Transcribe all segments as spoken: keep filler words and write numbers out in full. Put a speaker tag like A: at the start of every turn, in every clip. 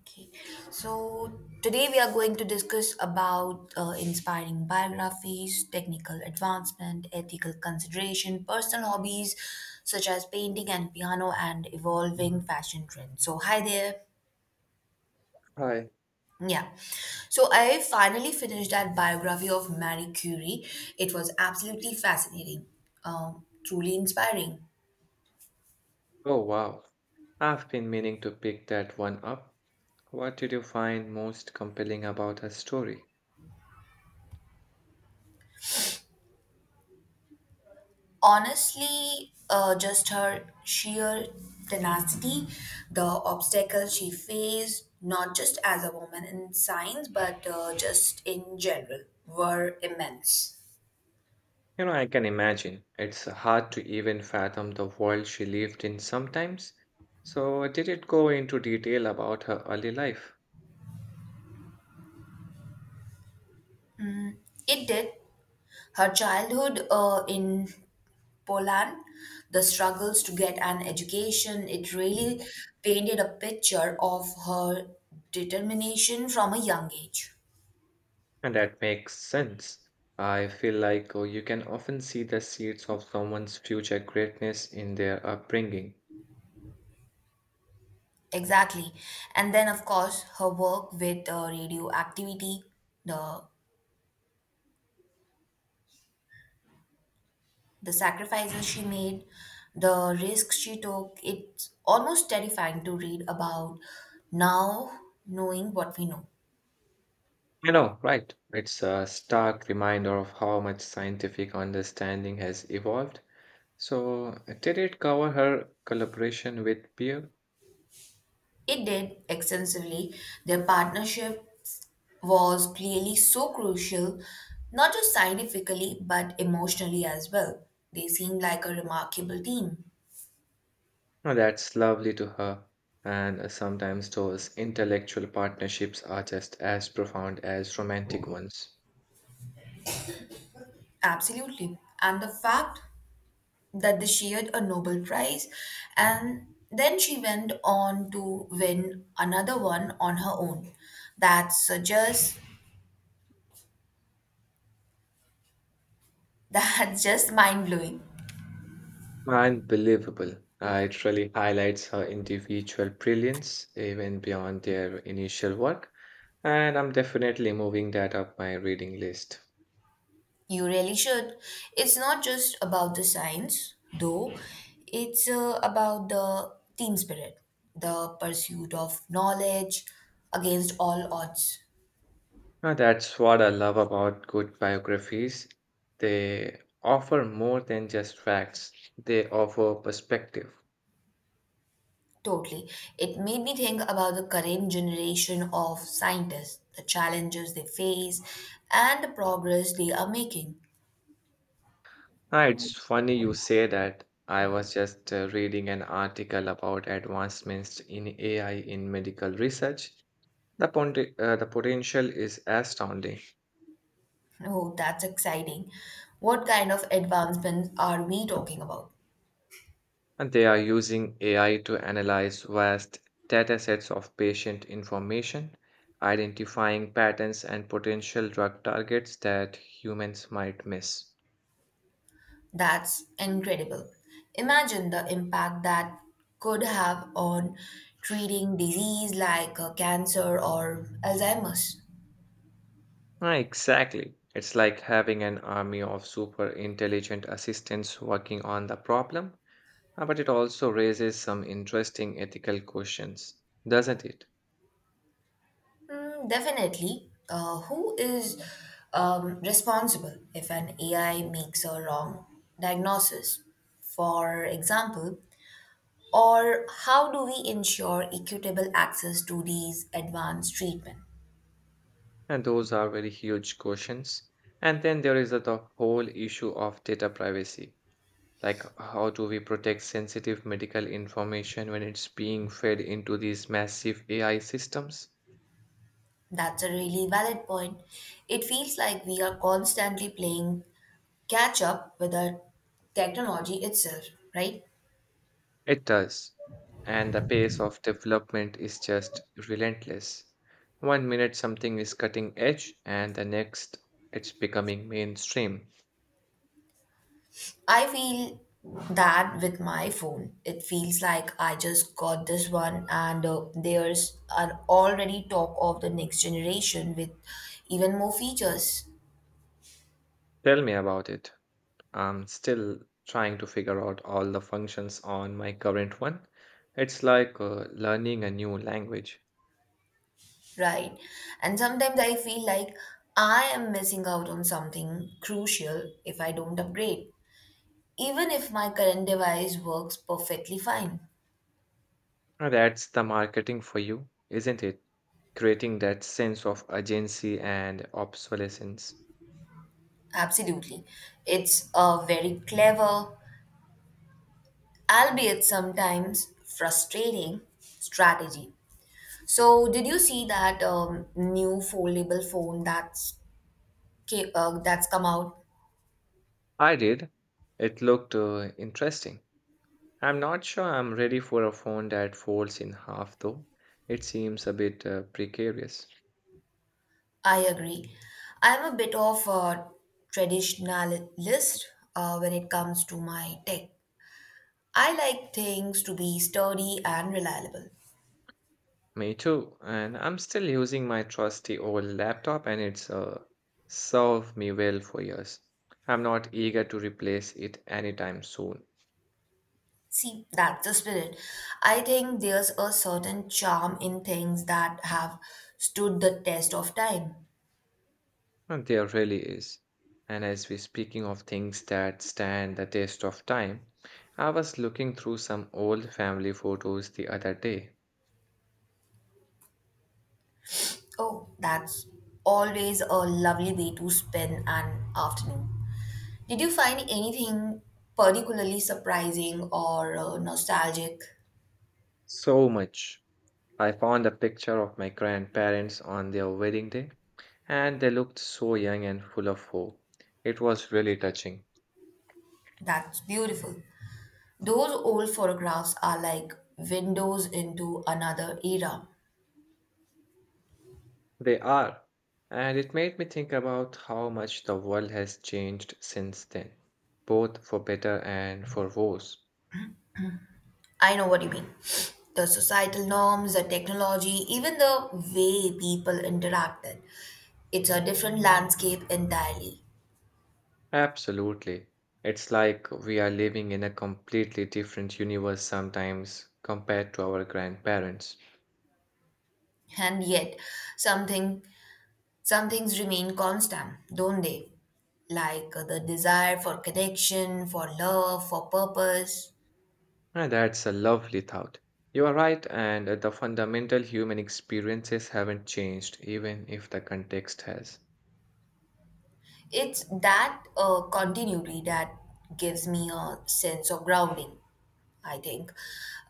A: Okay. So today we are going to discuss about uh, inspiring biographies, technical advancement, ethical consideration, personal hobbies such as painting and piano, and evolving fashion trends. So hi there.
B: Hi.
A: Yeah. So I finally finished that biography of Marie Curie. It was absolutely fascinating, um, truly inspiring.
B: Oh, wow. I've been meaning to pick that one up. What did you find most compelling about her story?
A: Honestly, uh, just her sheer tenacity, the obstacles she faced, not just as a woman in science, but uh, just in general, were immense.
B: You know, I can imagine. It's hard to even fathom the world she lived in sometimes. So, did it go into detail about her early life?
A: It did. Her childhood uh, in Poland, the struggles to get an education, it really painted a picture of her determination from a young age.
B: And that makes sense. I feel like oh, you can often see the seeds of someone's future greatness in their upbringing.
A: Exactly. And then, of course, her work with uh, radioactivity, the the sacrifices she made, the risks she took. It's almost terrifying to read about now, knowing what we know.
B: You know, right. It's a stark reminder of how much scientific understanding has evolved. So, did it cover her collaboration with Pierre?
A: It did extensively. Their partnership was clearly so crucial, not just scientifically, but emotionally as well. They seemed like a remarkable team.
B: Now, that's lovely to her. And uh, sometimes those intellectual partnerships are just as profound as romantic ones.
A: Absolutely. And the fact that they shared a Nobel Prize. And then she went on to win another one on her own. That's uh, just that's just mind blowing.
B: Unbelievable. Uh, it really highlights her individual brilliance, even beyond their initial work. And I'm definitely moving that up my reading list.
A: You really should. It's not just about the science, though. It's uh, about the team spirit, the pursuit of knowledge against all odds.
B: Now, that's what I love about good biographies. They offer more than just facts, they offer perspective.
A: Totally. It made me think about the current generation of scientists, the challenges they face, and the progress they are making.
B: Ah, it's funny you say that. I was just uh, reading an article about advancements in A I in medical research. The, pon- uh, the potential is astounding,
A: Oh, that's exciting. What kind of advancements are we talking about?
B: and they are using A I to analyze vast datasets of patient information, identifying patterns and potential drug targets that humans might miss.
A: That's incredible. Imagine the impact that could have on treating disease like uh, cancer or Alzheimer's.
B: Ah, exactly. It's like having an army of super intelligent assistants working on the problem. Uh, But it also raises some interesting ethical questions, doesn't it?
A: Mm, definitely. Uh, who is um, responsible if an A I makes a wrong diagnosis, for example? Or how do we ensure equitable access to these advanced treatment?
B: And those are very huge questions. And then there is the the whole issue of data privacy. Like, how do we protect sensitive medical information when it's being fed into these massive A I systems?
A: That's a really valid point. It feels like we are constantly playing catch up with the technology itself, right?
B: It does. And the pace of development is just relentless. One minute something is cutting edge, and the next it's becoming mainstream.
A: I feel that with my phone. It feels like I just got this one, and uh, there's an already talk of the next generation with even more features,
B: Tell me about it. I'm still trying to figure out all the functions on my current one. It's like uh, learning a new language.
A: right? And sometimes I feel like I am missing out on something crucial if I don't upgrade, even if my current device works perfectly fine.
B: Uh, That's the marketing for you, isn't it? Creating that sense of urgency and obsolescence.
A: Absolutely. It's a very clever, albeit sometimes frustrating, strategy. So, did you see that um, new foldable phone that's ca- uh, that's come out?
B: I did. It looked uh, interesting. I'm not sure I'm ready for a phone that folds in half, though. It seems a bit uh, precarious.
A: I agree. I'm a bit of a traditionalist uh, when it comes to my tech. I like things to be sturdy and reliable.
B: Me too, and I'm still using my trusty old laptop and it's uh, served me well for years. I'm not eager to replace it anytime soon.
A: See, that's the spirit. I think there's a certain charm in things that have stood the test of time.
B: And there really is. And as we're speaking of things that stand the test of time, I was looking through some old family photos the other day.
A: Oh, that's always a lovely way to spend an afternoon. Did you find anything particularly surprising or uh, nostalgic?
B: So much. I found a picture of my grandparents on their wedding day, and they looked so young and full of hope. It was really touching.
A: That's beautiful. Those old photographs are like windows into another era.
B: They are. And it made me think about how much the world has changed since then, both for better and for worse.
A: I know what you mean. The societal norms, the technology, even the way people interacted. It's a different landscape entirely.
B: Absolutely. It's like we are living in a completely different universe sometimes compared to our grandparents.
A: And yet, something some things remain constant, don't they? Like uh, the desire for connection, for love, for purpose.
B: And that's a lovely thought. You are right, and the fundamental human experiences haven't changed, even if the context has.
A: It's that uh, continuity that gives me a sense of grounding, I think,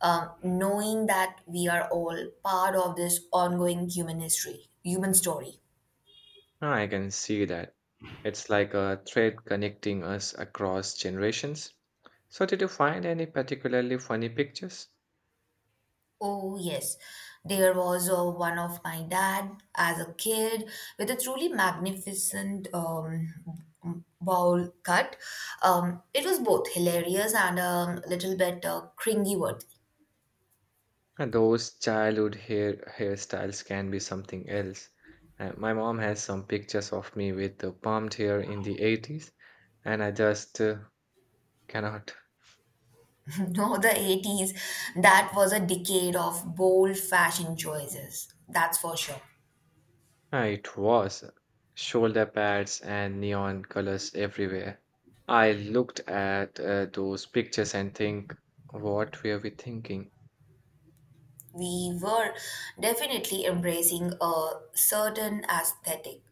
A: um, knowing that we are all part of this ongoing human history human story.
B: I can see that. It's like a thread connecting us across generations. So, did you find any particularly funny pictures?
A: Oh yes, there was uh, one of my dad as a kid with a truly magnificent um, bowl cut. Um, it was both hilarious and a little bit uh, cringy.
B: And those childhood hair hairstyles can be something else. Uh, my mom has some pictures of me with the permed hair in the eighties, and I just uh, cannot.
A: No, the eighties, that was a decade of bold fashion choices. That's for sure.
B: Uh, It was shoulder pads and neon colors everywhere. I looked at uh, those pictures and think, what were we thinking?
A: We were definitely embracing a certain aesthetic.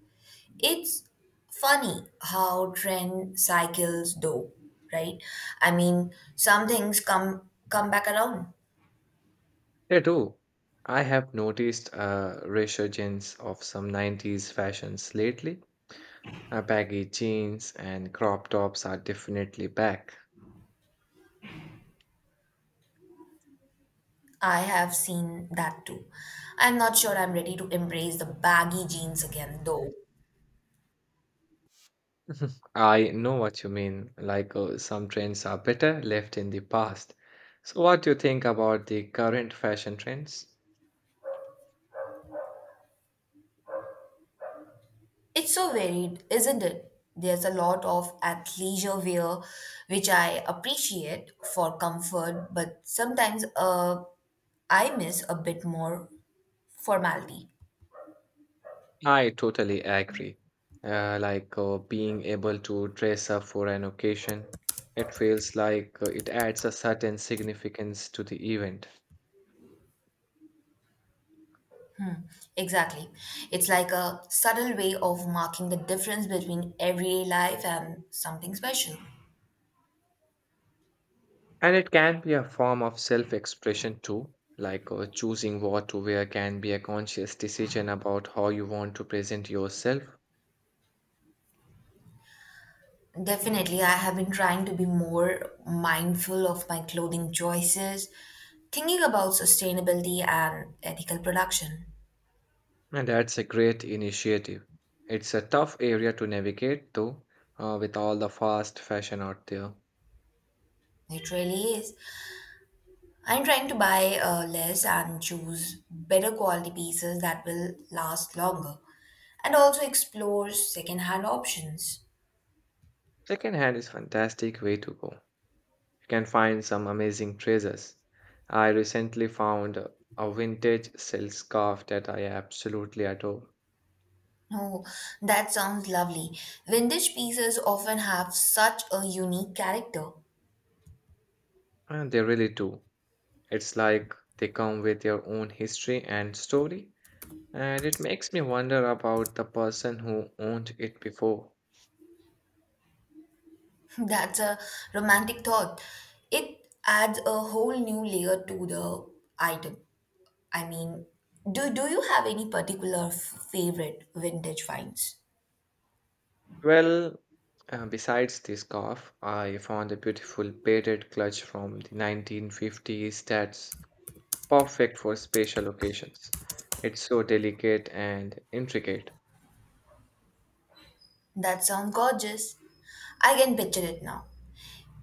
A: It's funny how trend cycles do, right? I mean, some things come come back around.
B: They do. I have noticed a resurgence of some nineties fashions lately. Uh, baggy jeans and crop tops are definitely back.
A: I have seen that too. I'm not sure I'm ready to embrace the baggy jeans again though.
B: I know what you mean, like uh, some trends are better left in the past. So, what do you think about the current fashion trends?
A: It's so varied, isn't it? There's a lot of athleisure wear, which I appreciate for comfort, but sometimes uh, I miss a bit more formality.
B: I totally agree. Uh, like uh, being able to dress up for an occasion, it feels like uh, it adds a certain significance to the event.
A: Exactly. It's like a subtle way of marking the difference between everyday life and something special.
B: And it can be a form of self expression too, like uh, choosing what to wear can be a conscious decision about how you want to present yourself,
A: Definitely, I have been trying to be more mindful of my clothing choices, thinking about sustainability and ethical production.
B: and that's a great initiative. It's a tough area to navigate though, uh, with all the fast fashion out there.
A: It really is. I'm trying to buy uh, less and choose better quality pieces that will last longer and also explore secondhand options.
B: Secondhand is fantastic way to go. You can find some amazing treasures. I recently found a a vintage silk scarf that I absolutely adore,
A: Oh, that sounds lovely. Vintage pieces often have such a unique character.
B: and they really do. It's like they come with their own history and story, and it makes me wonder about the person who owned it before.
A: That's a romantic thought. It adds a whole new layer to the item. I mean, do, do you have any particular f- favorite vintage finds?
B: Well, uh, besides this scarf, I found a beautiful beaded clutch from the nineteen fifties that's perfect for special occasions. It's so delicate and intricate.
A: That sounds gorgeous. I can picture it now.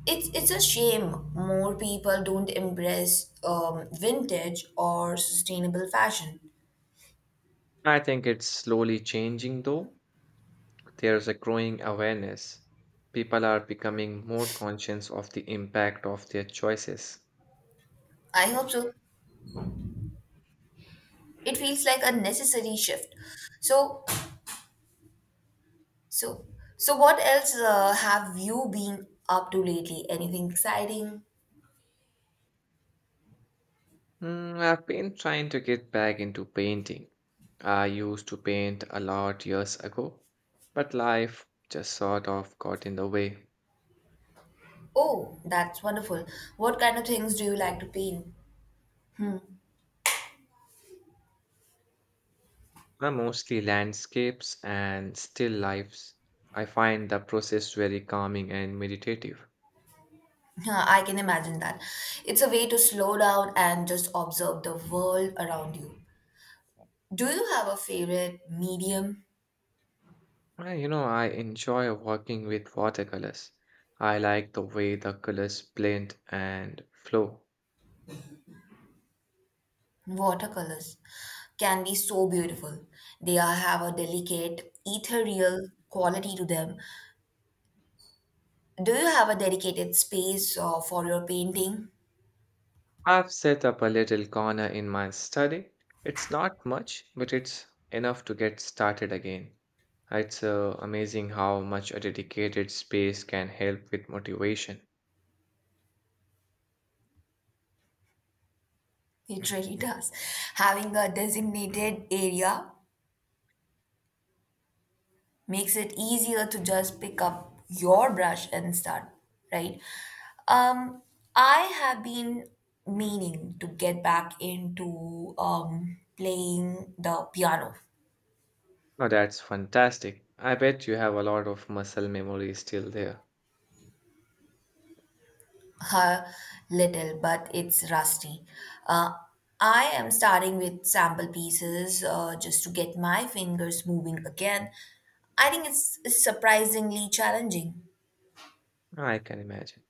A: It's it's a shame more people don't embrace um, vintage or sustainable fashion.
B: I think it's slowly changing though. There's a growing awareness. People are becoming more conscious of the impact of their choices.
A: I hope so. It feels like a necessary shift. So so so what else uh, have you been up to lately? Anything exciting?
B: Mm, I've been trying to get back into painting. I used to paint a lot years ago, but life just sort of got in the way.
A: Oh, that's wonderful. What kind of things do you like to paint?
B: Now mostly landscapes and still lifes. I find the process very calming and meditative.
A: Huh, I can imagine that. It's a way to slow down and just observe the world around you. Do you have a favorite medium?
B: Uh, You know, I enjoy working with watercolors. I like the way the colors blend and flow.
A: Watercolors can be so beautiful. They are- have a delicate, ethereal quality to them. Do you have a dedicated space uh, for your painting?
B: I've set up a little corner in my study. It's not much, but it's enough to get started again. It's uh, amazing how much a dedicated space can help with motivation.
A: It really does. Having a designated area makes it easier to just pick up your brush and start, right? Um, I have been meaning to get back into um, playing the piano.
B: Now that's fantastic. I bet you have a lot of muscle memory still there.
A: A little, but it's rusty. Uh, I am starting with sample pieces uh, just to get my fingers moving again. I think it's surprisingly challenging.
B: I can imagine.